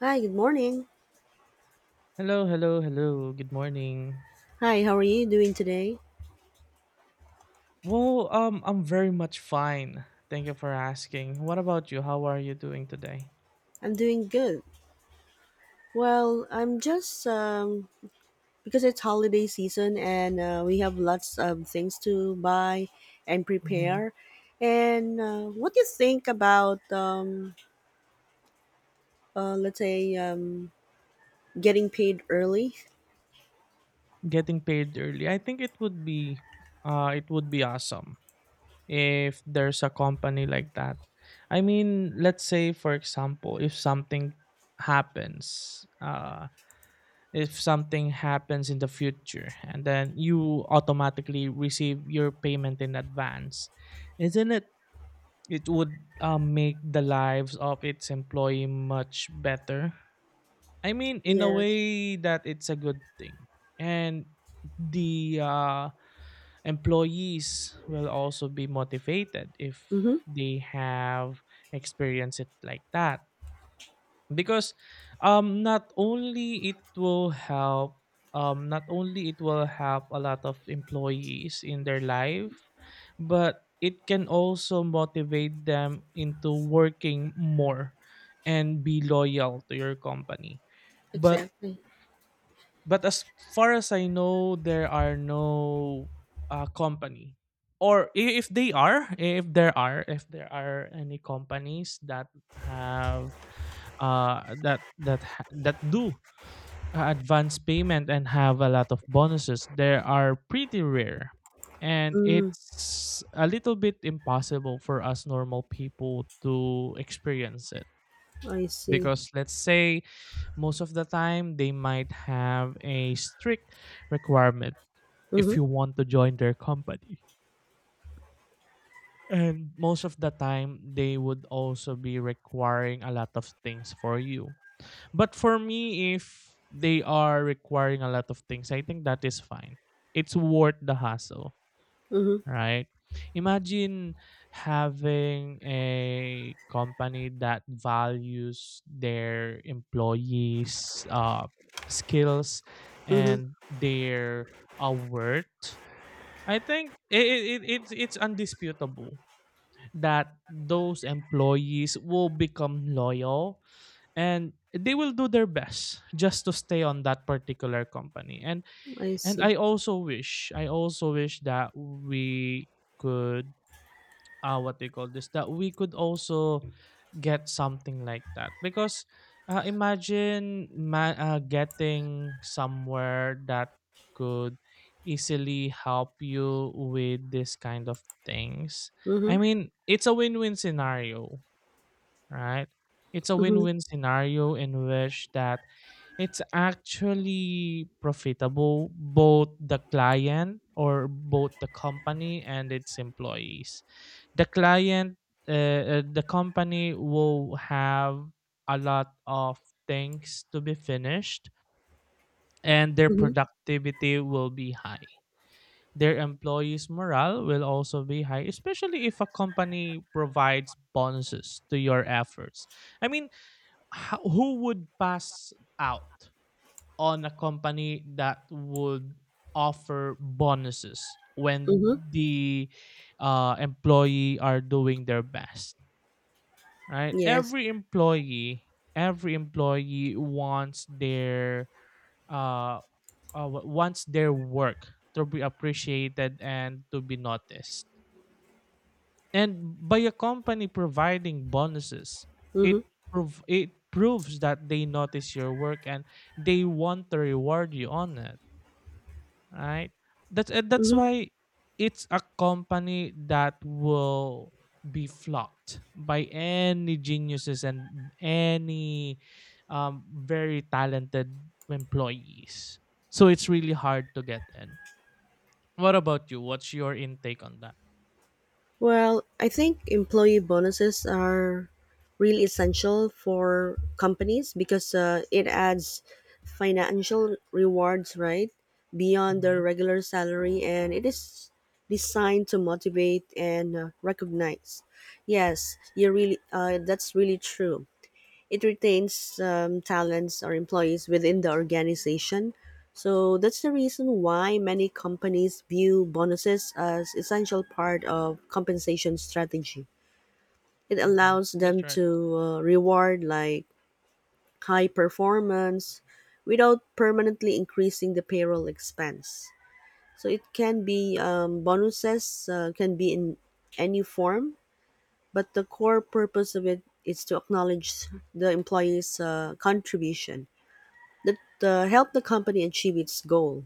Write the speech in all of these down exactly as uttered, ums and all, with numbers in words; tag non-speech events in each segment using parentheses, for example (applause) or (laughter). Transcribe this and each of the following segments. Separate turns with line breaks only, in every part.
Hi, good morning.
Hello, hello, hello. Good morning.
Hi, how are you doing today?
Well, um, I'm very much fine. Thank you for asking. What about you? How are you doing today?
I'm doing good. Well, I'm just um because it's holiday season and uh, we have lots of things to buy and
Mhm.
prepare. And uh, what do you think about um uh, let's say um getting paid early?
Getting paid early. I think it would be, uh, it would be awesome. If there's a company like that. I mean, let's say for example, if something happens, uh, if something happens in the future, and then you automatically receive your payment in advance, isn't it? It would uh, make the lives of its employee much better. I mean, in a
Yes.
way that it's a good thing, and the uh, employees will also be motivated if
Mhm.
they have experienced it like that. Because um not only it will help um not only it will help a lot of employees in their life, but it can also motivate them into working more and be loyal to your company. But
Exactly.
but as far as I know, there are no uh, company, or i- if they are, if there are, if there are any companies that have uh that that ha- that do uh, advance payment and have a lot of bonuses, they are pretty rare, and
Mm,
it's a little bit impossible for us normal people to experience it
I see.
because let's say most of the time they might have a strict requirement
Mhm.
if you want to join their company. And most of the time, they would also be requiring a lot of things for you. But for me, if they are requiring a lot of things, I think that is fine. It's worth the hassle
Mhm.
right? Imagine having a company that values their employees' uh, skills
Mhm.
and their uh, worth. I think it, it, it, it's it's undisputable that those employees will become loyal and they will do their best just to stay on that particular company. And
I
and
see.
I also wish I also wish that we could uh, what do you call this that we could also get something like that because uh, imagine ma- uh, getting somewhere that could easily help you with this kind of things. I
Mhm.
mean, it's a win-win scenario, right? It's a
Mhm.
win-win scenario in which that it's actually profitable both the client or both the company and its employees. the client uh, uh, the company will have a lot of things to be finished and their
Mhm.
productivity will be high. Their employees morale will also be high especially if a company provides bonuses to your efforts. I mean, ho- who would pass out on a company that would offer bonuses when
Mhm.
the uh, employee are doing their best, right?
Yes.
Every employee, every employee wants their uh, uh wa- wants their work to be appreciated and to be noticed. And by a company providing bonuses, it
Mhm.
prov- it proves that they notice your work and they want to reward you on it. Right? That's and that's
Mhm.
why it's a company that will be flocked by any geniuses and any um, very talented employees. So it's really hard to get in. What about you? What's your intake on that?
Well, I think employee bonuses are really essential for companies because uh, it adds financial rewards, right, beyond
Mm-hmm.
their regular salary, and it is designed to motivate and uh, recognize. Yes, you really. Uh, that's really true, it retains um, talents or employees within the organization. So that's the reason why many companies view bonuses as essential part of compensation strategy. It
Mhm.
allows them
That's right.
to uh, reward like high performance without permanently increasing the payroll expense. So it can be um, bonuses uh, can be in any form, but the core purpose of it is to acknowledge the employee's uh, contribution that uh, help the company achieve its goal,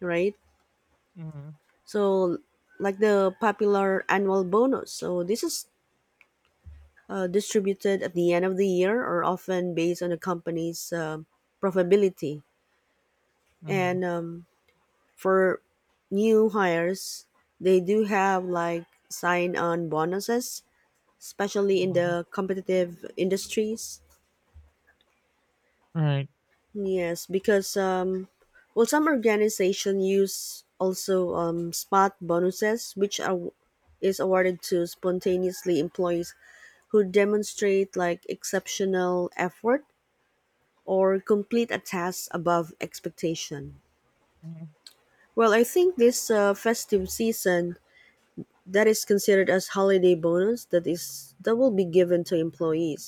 right?
Mhm.
So, like the popular annual bonus. So, this is uh, distributed at the end of the year or often based on the company's um profitability.
Mhm.
And um, for new hires, they do have like sign on bonuses, especially in
Mhm.
the competitive industries.
Right.
Yes, because um, well, some organization use also um, spot bonuses, which are is awarded to spontaneously employees who demonstrate like exceptional effort or complete a task above expectation.
Mhm.
Well, I think this uh, festive season that is considered as holiday bonus that is that will be given to employees,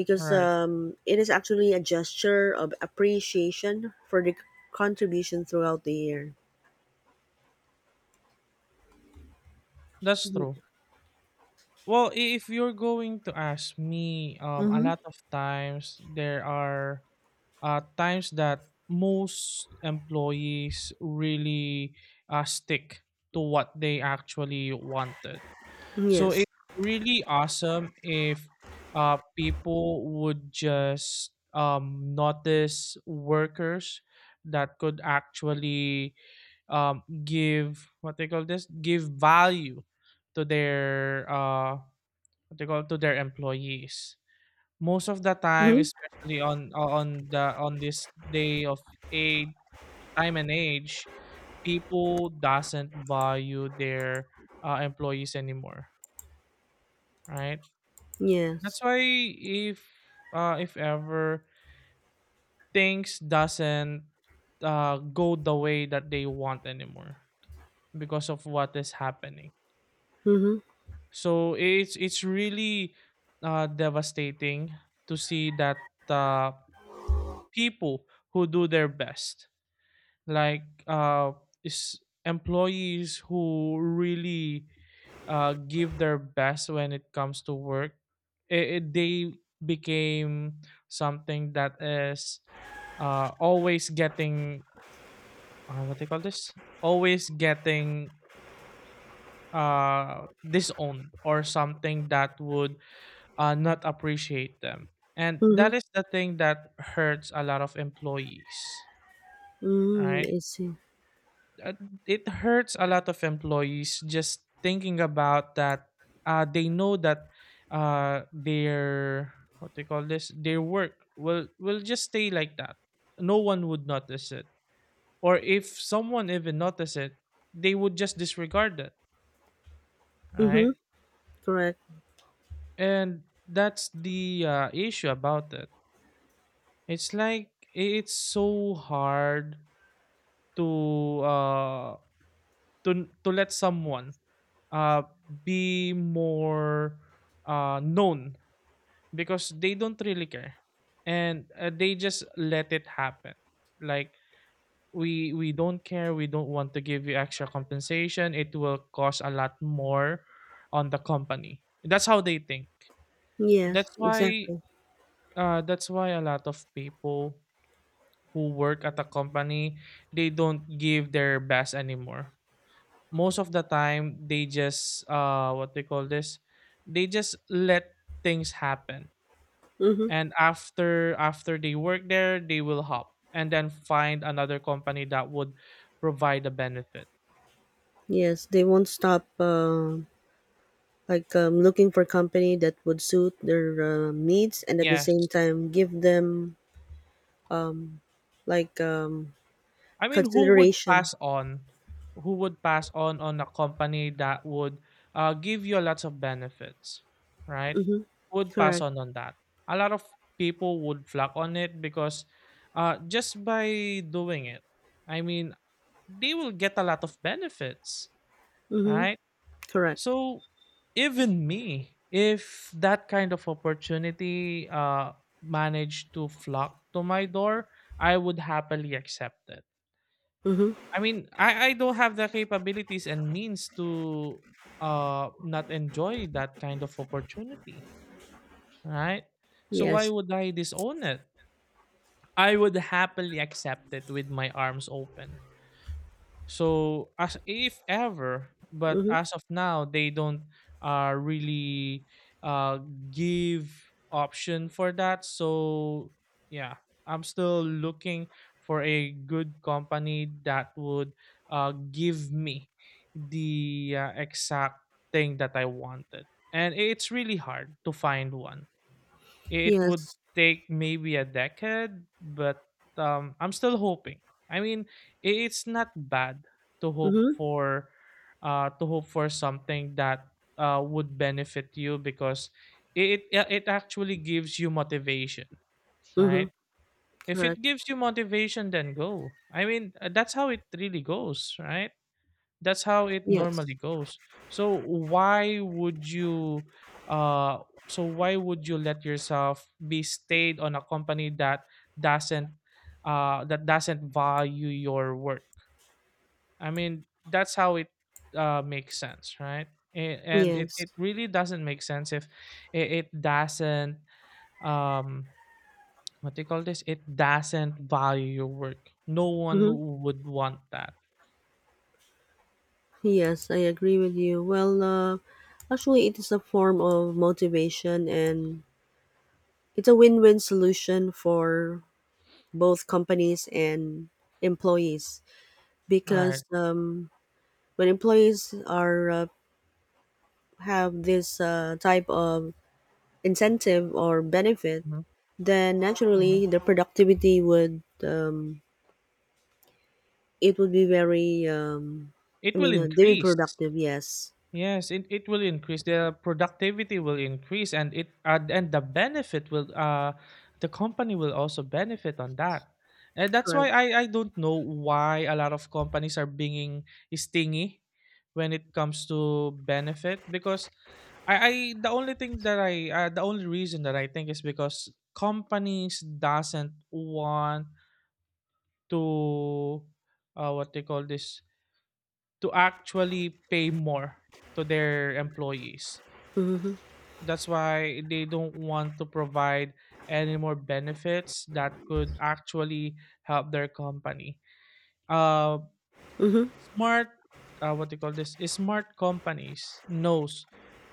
because
Right.
um, it is actually a gesture of appreciation for the contribution throughout the year.
That's true. Well, i- if you're going to ask me, um, a lot of times there are uh, times that most employees really uh, stick to what they actually wanted. So
Yes.
it's really awesome if uh, people would just um, notice workers that could actually um, give what they call this give value to their uh, what they call to their employees. Most of the time,
Mm-hmm.
especially on on the on this day of a time and age, people doesn't value their uh, employees anymore, right? That's
Yes.
why if uh if ever things doesn't uh go the way that they want anymore because of what is happening.
Mm-hmm.
So it's it's really uh devastating to see that uh people who do their best, like uh, is employees who really uh, give their best when it comes to work. I i- they became something that is uh, always getting uh, what they call this always getting uh, disowned or something that would uh, not appreciate them, and
Mm-hmm.
that is the thing that hurts a lot of employees, right?
Mm-hmm. I see.
uh, it hurts a lot of employees just thinking about that. Uh, they know that uh, their what they call this their work will will just stay like that. No one would notice it, or if someone even notice it they would just disregard it,
Mm-hmm.
right?
Correct.
And that's the uh, issue about it. It's like it's so hard to uh to to let someone uh, be more uh, known because they don't really care, and uh, they just let it happen. Like, we we don't care, we don't want to give you extra compensation, it will cost a lot more on the company. That's how they think.
Yes.
That's why
Exactly.
uh, that's why a lot of people who work at a company, they don't give their best anymore. Most of the time they just uh what they call this they just let things happen,
Mm-hmm.
and after after they work there they will hop and then find another company that would provide a benefit.
Yes. They won't stop. Uh, like um, looking for company that would suit their uh, needs and at the same
Yes.
time give them like um,
I mean, who would
consideration.
pass on? Who would pass on on a company that would uh, give you lots of benefits, right?
Mm-hmm.
Who would pass
Correct.
on on that? A lot of people would flock on it because uh, just by doing it, I mean, they will get a lot of benefits,
Mm-hmm.
right?
Correct.
So even me, if that kind of opportunity uh, managed to flock to my door, I would happily accept it.
Mm-hmm.
I mean, I I don't have the capabilities and means to uh not enjoy that kind of opportunity, right? So why
Yes.
would I disown it? I would happily accept it with my arms open. So as if ever, but
Mm-hmm.
as of now, they don't uh, really uh, give option for that. So yeah, I'm still looking for a good company that would uh, give me the uh, exact thing that I wanted, and it's really hard to find one. It would
Yes.
take maybe a decade, but um, I'm still hoping. I mean, i- it's not bad to hope
Mhm,
for, uh, to hope for something that uh, would benefit you because it it it actually gives you motivation,
mhm,
right? If
correct.
it gives you motivation, then go. I mean, uh, that's how it really goes, right? That's how it
Yes,
normally goes. So why would you uh so why would you let yourself be stayed on a company that doesn't uh that doesn't value your work? I mean, that's how it uh makes sense, right? A- And it,
yes,
it really doesn't make sense if it, it doesn't um what do you call this? It doesn't value your work. No one
mhm,
would want that.
yes. I agree with you. Well, uh, actually, it is a form of motivation, and it's a win-win solution for both companies and employees because
Right.
um, when employees are uh, have this uh, type of incentive or benefit,
Mhm,
then
mhm.
naturally the productivity would um, it would be very um, I
It will
mean, uh, they be
increase.
productive, yes.
Yes, it, it will increase. The productivity will increase, and it uh, and the benefit will uh the company will also benefit on that. And that's why
Correct.
I I don't know why a lot of companies are being stingy when it comes to benefit because I, I the only thing that I uh, the only reason that I think is because companies doesn't want to uh, what they call this to actually pay more to their employees.
Mhm.
That's why they don't want to provide any more benefits that could actually help their company. Uh,
Mhm.
smart, uh, what do you call this? Is Smart companies knows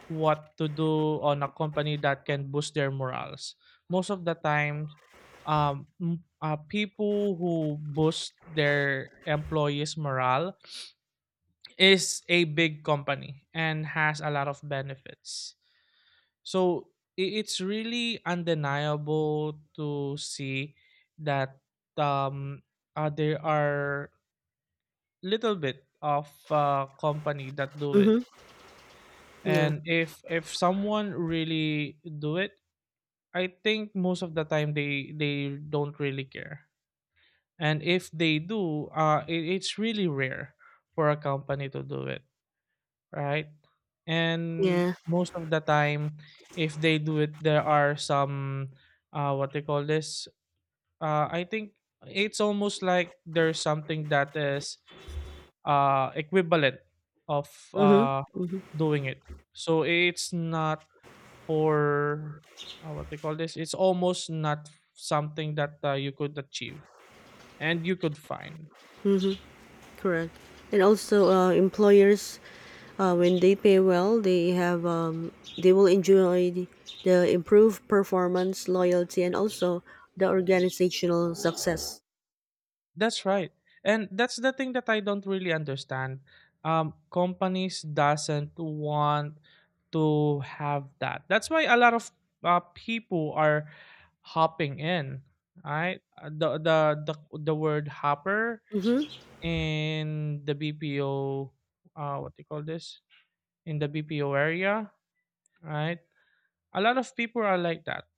what to do on a company that can boost their morals. Most of the time, um, m- uh, people who boost their employees' morale is a big company and has a lot of benefits. So i- it's really undeniable to see that um, uh, there are little bit of uh, company that do it,
Mhm. Yeah.
and if if someone really do it, I think most of the time they they don't really care, and if they do, uh, it, it's really rare for a company to do it, right? And
Yeah.
most of the time, if they do it, there are some uh, what they call this. Uh, I think it's almost like there's something that is uh, equivalent of
Mhm.
uh,
Mhm.
doing it. So it's not for uh, what they call this. It's almost not something that uh, you could achieve and you could find.
Mhm. Correct. And also, uh, employers, uh, when they pay well, they have um, they will enjoy the, the improved performance, loyalty, and also the organizational success.
That's right. And that's the thing that I don't really understand. Um, companies doesn't want to have that. That's why a lot of uh, people are hopping in. Right? Uh, The the the the word hopper
Mm-hmm,
in the B P O, uh, what do you call this? In the B P O area, right? A lot of people are like that.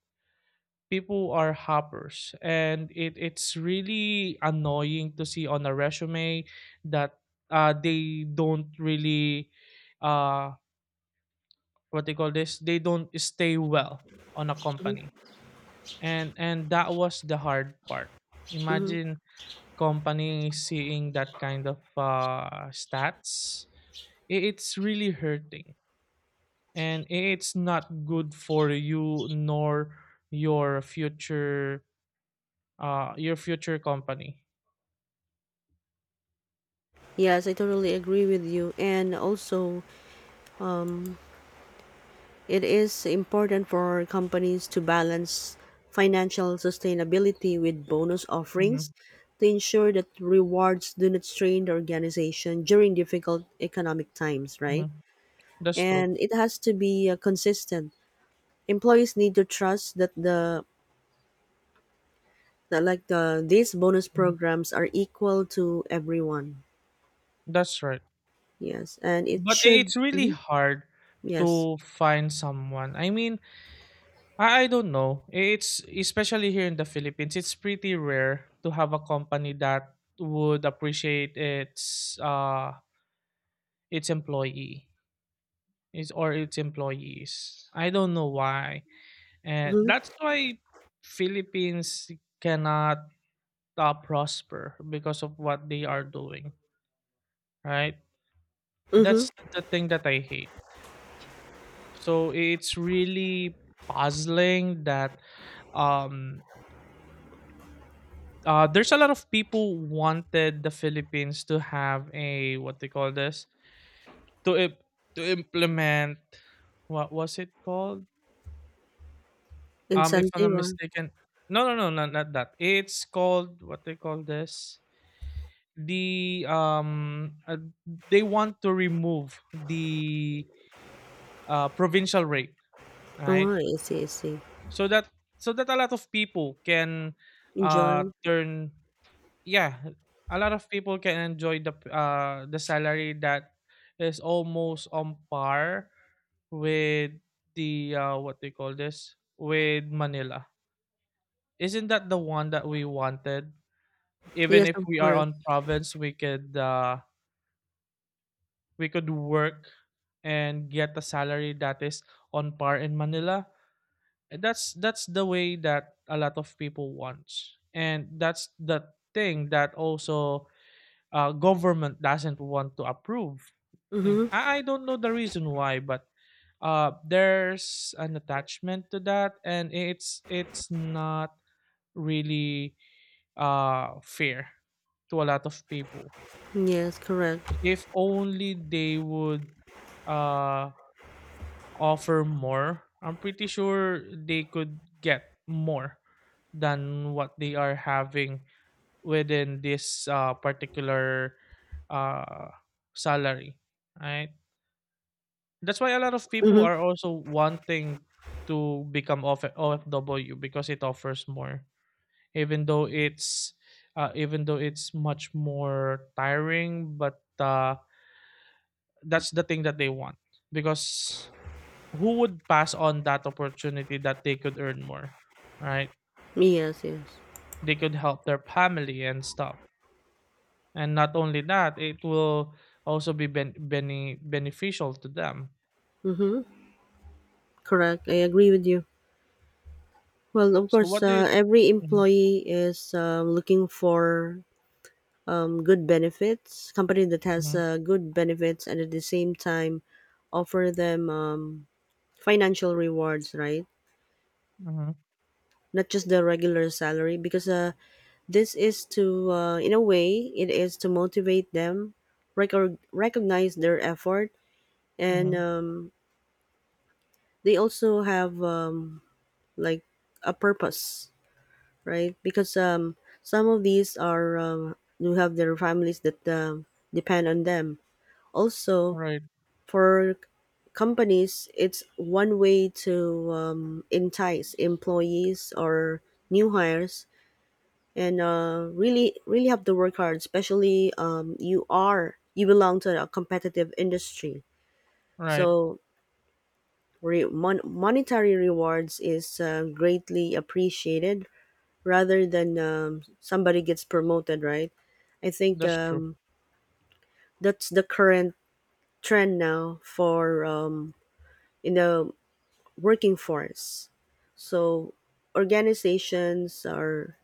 People are hoppers, and it, it's really annoying to see on a resume that uh, they don't really, uh, what they call this? They don't stay well on a
mm-hmm,
company, and and that was the hard part.
mm-hmm.
Imagine company seeing that kind of uh, stats. I- it's really hurting, and i- it's not good for you nor your future uh your future company.
Yes, I totally agree with you. And also, um, it is important for companies to balance financial sustainability with bonus offerings
Hmm.
to ensure that rewards do not strain the organization during difficult economic times, right?
Hmm, that's true.
And it has to be uh, consistent. Employees need to trust that the that like the these bonus
Mhm,
programs are equal to everyone.
that's right.
Yes, and it
But I
should.
it's really
Mhm,
hard
yes.
to find someone. I mean, I I don't know. It's especially here in the Philippines, it's pretty rare to have a company that would appreciate its uh its employee is or its employees. I don't know why. And
Mm-hmm.
that's why Philippines cannot uh, prosper because of what they are doing, right? That's
Mm-hmm.
the thing that I hate. So it's really puzzling that um uh, there's a lot of people wanted the Philippines to have a what they call this, to imp- to implement, what was it called? Um, if I'm
Incentive.
not
Ah.
mistaken, no, no, no, not, not that. It's called what they call this. The um, uh, they want to remove the uh, provincial rate, right?
Oh, I see. I see.
So that, so that a lot of people can uh
Enjoy.
turn yeah, a lot of people can enjoy the p- uh the salary that is almost on par with the uh what they call this, with Manila. Isn't that the one that we wanted? Even
Yes,
if
of
we are
course.
on province, we could uh we could work and get a salary that is on par in Manila. And that's that's the way that a lot of people wants, and that's the thing that also uh, government doesn't want to approve. And
Mhm.
I, I don't know the reason why, but uh, there's an attachment to that, and it's it's not really uh, fair to a lot of people.
Yes, correct.
If only they would uh, offer more, I'm pretty sure they could get more than what they are having within this uh, particular uh, salary, right? That's why a lot of people
Mhm.
are also wanting to become of O F W, because it offers more, even though it's uh, even though it's much more tiring, but uh, that's the thing that they want, because who would pass on that opportunity that they could earn more, right?
Yes, yes.
They could help their family and stuff. And not only that, it will also be ben- bene- beneficial to them.
Mhm. Correct. I agree with you. Well, of
So
course,
what do
uh,
you?
every employee is um, looking for um, good benefits. Company that has
Mm-hmm.
uh, good benefits and at the same time offer them um, financial rewards, right?
Hmm.
Not just the regular salary, because uh, this is to, uh, in a way, it is to motivate them, rec- recognize their effort, and
Hmm.
um, they also have um, like a purpose, right? Because um, some of these are um, do have their families that um, depend on them. Also,
Right,
for companies, it's one way to um, entice employees or new hires, and uh, really, really have to work hard. Especially, um, you are you belong to a competitive industry,
right.
so. Re- mon- monetary rewards is uh, greatly appreciated rather than um, somebody gets promoted, right? I think
That's true.
um, that's the current trend now for um, in the working force. So organizations are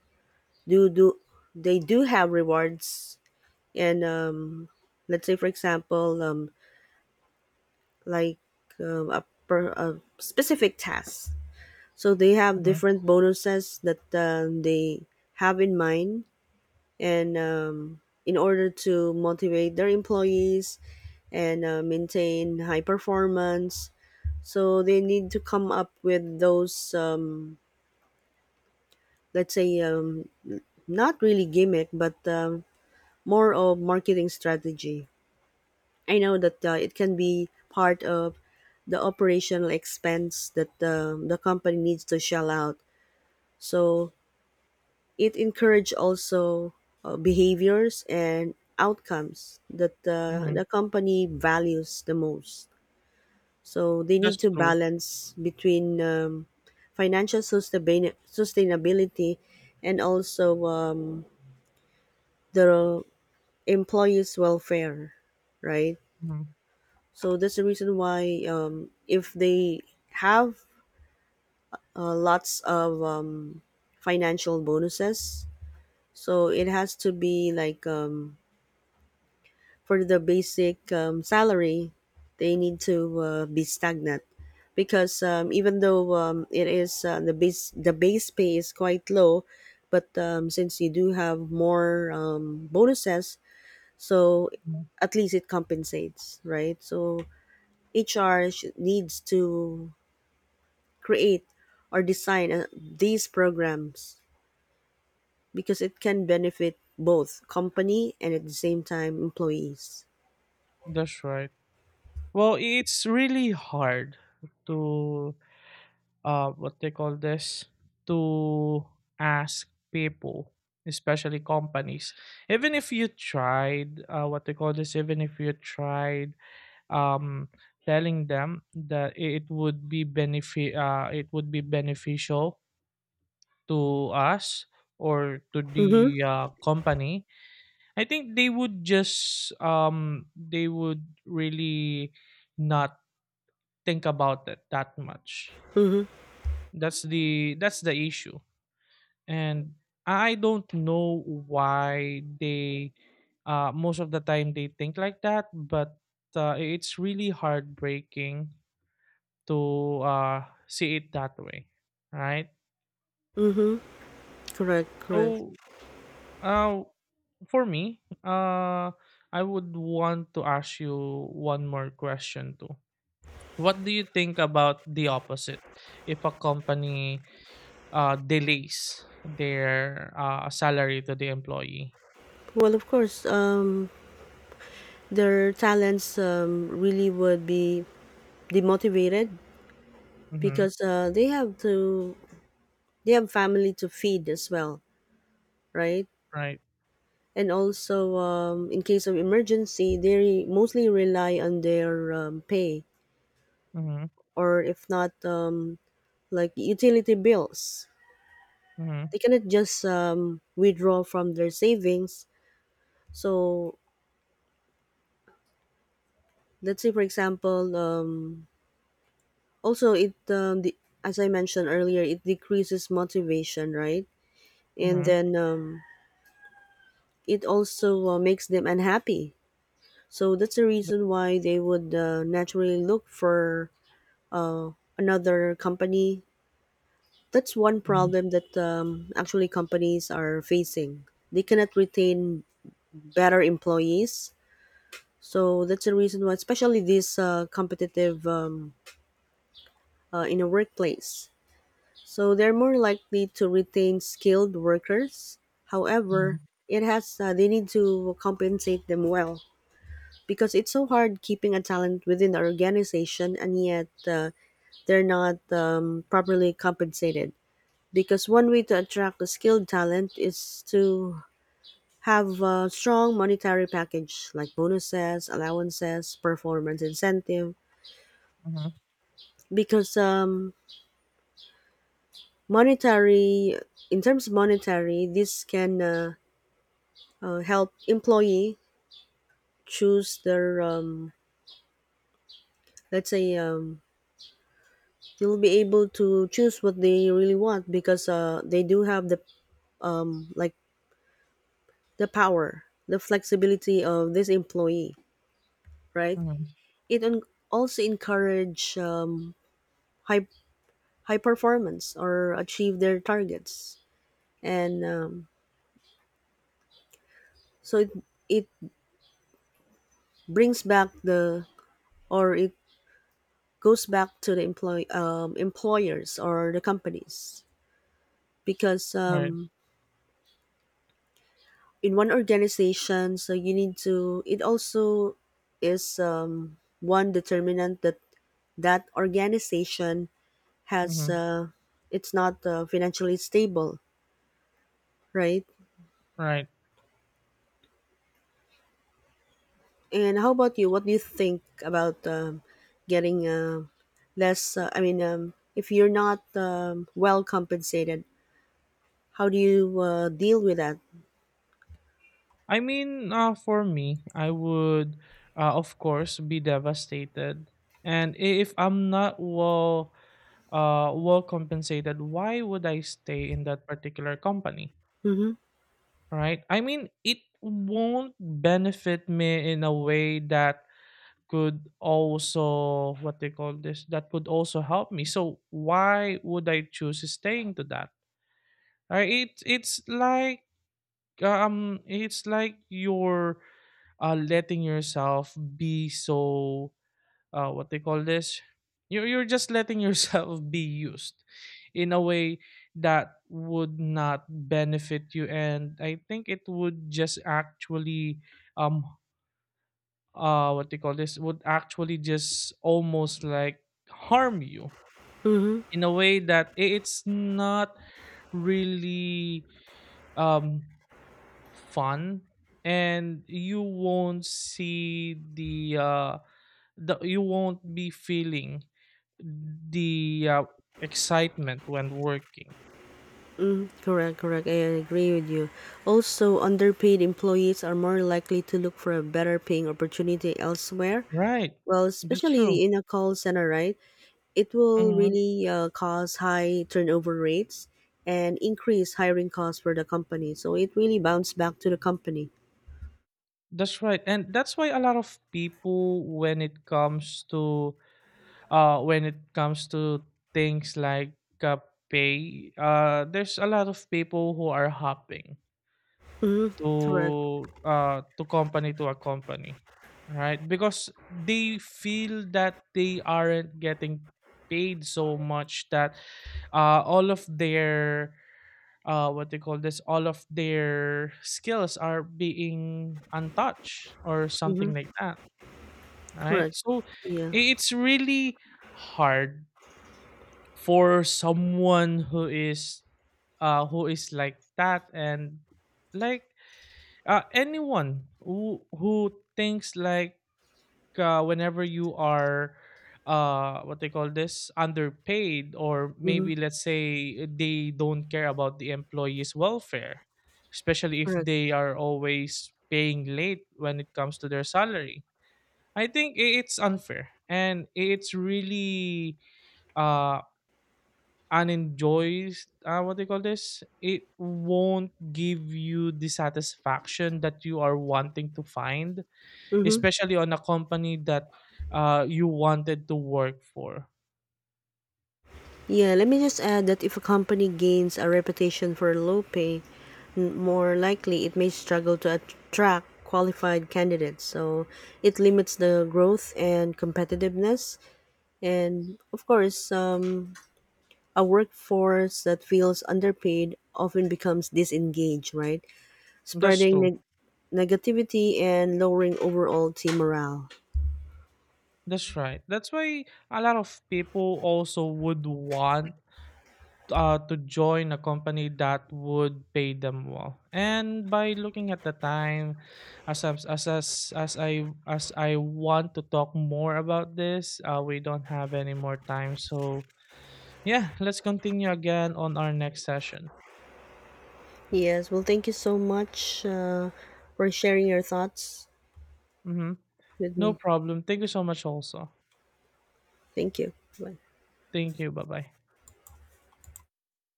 do do they do have rewards and um, let's say for example um, like um, a, per, a specific task. So they have
Hmm.
different bonuses that um, they have in mind and um, in order to motivate their employees and uh, maintain high performance, so they need to come up with those um, let's say um, not really gimmick but um, more of marketing strategy. I know that uh, it can be part of the operational expense that the, the company needs to shell out. So it encourage also uh, behaviors and outcomes that the, the
Hmm.
company values the most. So they need
That's
to
true.
balance between um, financial sustain- sustainability and also um, the employees' welfare, right?
Hmm.
So that's the reason why um, if they have uh, lots of um, financial bonuses, so it has to be like um, for the basic um, salary, they need to uh, be stagnant because um, even though um, it is uh, the base the base pay is quite low, but um, since you do have more um, bonuses, so
Hmm.
at least it compensates, right? So H R sh- needs to create or design uh, these programs because it can benefit both company and at the same time employees.
That's right. Well, it's really hard to uh, what they call this, to ask people, especially companies. Even if you tried uh, what they call this, even if you tried um, telling them that it would be benefit uh, it would be beneficial to us or to
Mm-hmm.
the uh, company, I think they would just um, they would really not think about it that much.
Mm-hmm.
That's the that's the issue, and I don't know why they uh most of the time they think like that. But uh, it's really heartbreaking to uh see it that way, right?
Mm-hmm. Correct, correct.
So uh for me, uh I would want to ask you one more question too. What do you think about the opposite? If a company uh delays their uh salary to the employee?
Well, of course, um, their talents um, really would be demotivated
Mm-hmm.
because uh, they have to they have family to feed as well, right?
Right?
And also, um, in case of emergency, they re- mostly rely on their um, pay
Mhm.
or if not, um, like utility bills.
Mhm.
They cannot just um, withdraw from their savings. So let's say, for example, um, also, it um, the, as I mentioned earlier, it decreases motivation, right? And
Mhm.
then um, it also uh, makes them unhappy. So that's the
The.
reason why they would uh, naturally look for uh, another company. That's one
Mhm.
problem that um, actually companies are facing. They cannot retain better employees. So that's the reason why, especially this uh, competitive um, uh, in a workplace, so they're more likely to retain skilled workers. However,
Mhm.
it has uh, they need to compensate them well because it's so hard keeping a talent within our organization and yet uh, they're not um, properly compensated. Because one way to attract the skilled talent is to have a strong monetary package like bonuses, allowances, performance incentive.
Mhm.
Because um, monetary, in terms of monetary, this can uh, uh, help employee choose their um, let's say um, they'll be able to choose what they really want because uh, they do have the like the power, the flexibility of this employee, right?
Mhm.
It un- also encourage um, high high performance or achieve their targets, and um, so it, it brings back the or it goes back to the employ um, employers or the companies because
Right.
um, in one organization, so you need to, it also is um, one determinant that that organization has
Mhm.
uh, it's not uh, financially stable, right?
Right.
And how about you, what do you think about um, getting uh, less uh, I mean um, if you're not um, well compensated, how do you uh, deal with that?
I mean, uh, for me, I would, uh, of course, be devastated. And i- if I'm not well, uh, well compensated, why would I stay in that particular company?
Mm-hmm.
Right? I mean, it won't benefit me in a way that could also what they call this, that could also help me. So why would I choose staying to that? Uh, it it's like um it's like you're uh letting yourself be so uh what they call this, you're you're just letting yourself (laughs) be used in a way that would not benefit you, and I think it would just actually um uh what they call this, would actually just almost like harm you
Mm-hmm.
in a way that i- it's not really um fun, and you won't see the uh the you won't be feeling the uh, excitement when working,
Mm, correct, correct. I agree with you. Also, underpaid employees are more likely to look for a better paying opportunity elsewhere.
right?
Well,
That's true.
especially in a call center, right? It will
Mhm.
really uh, cause high turnover rates and increase hiring costs for the company. So it really bounce back to the company.
That's right. And that's why a lot of people, when it comes to uh when it comes to things like uh, pay, uh there's a lot of people who are hopping
Mm-hmm. Correct.
to, uh, to company to a company, right? Because they feel that they aren't getting paid so much that uh, all of their uh, what they call this, all of their skills are being untouched or something
Mm-hmm.
like that, right?
Correct.
So
Yeah.
i- it's really hard for someone who is uh, who is like that. And like uh, anyone who who thinks like uh, whenever you are uh what they call this, underpaid, or
Mm-hmm.
maybe let's say they don't care about the employees welfare, especially if
Correct.
they are always paying late when it comes to their salary. I think i- it's unfair, and it's really uh and enjoys uh, what do you call this, it won't give you the satisfaction that you are wanting to find,
Mm-hmm.
especially on a company that uh, you wanted to work for.
Yeah, let me just add that if a company gains a reputation for low pay, n- more likely it may struggle to attract qualified candidates. So it limits the growth and competitiveness. And of course, um, a workforce that feels underpaid often becomes disengaged, right?
That's
Spreading
true.
neg- negativity and lowering overall team morale.
That's right. That's why a lot of people also would want uh, to join a company that would pay them well. And by looking at the time, as I'm- as as, as I as I want to talk more about this, uh, we don't have any more time. So yeah, let's continue again on our next session.
Yes, well, thank you so much uh, for sharing your thoughts
Mm-hmm.
with
No
me.
problem. Thank you so much. Also,
Thank you. Bye.
thank you. Bye bye.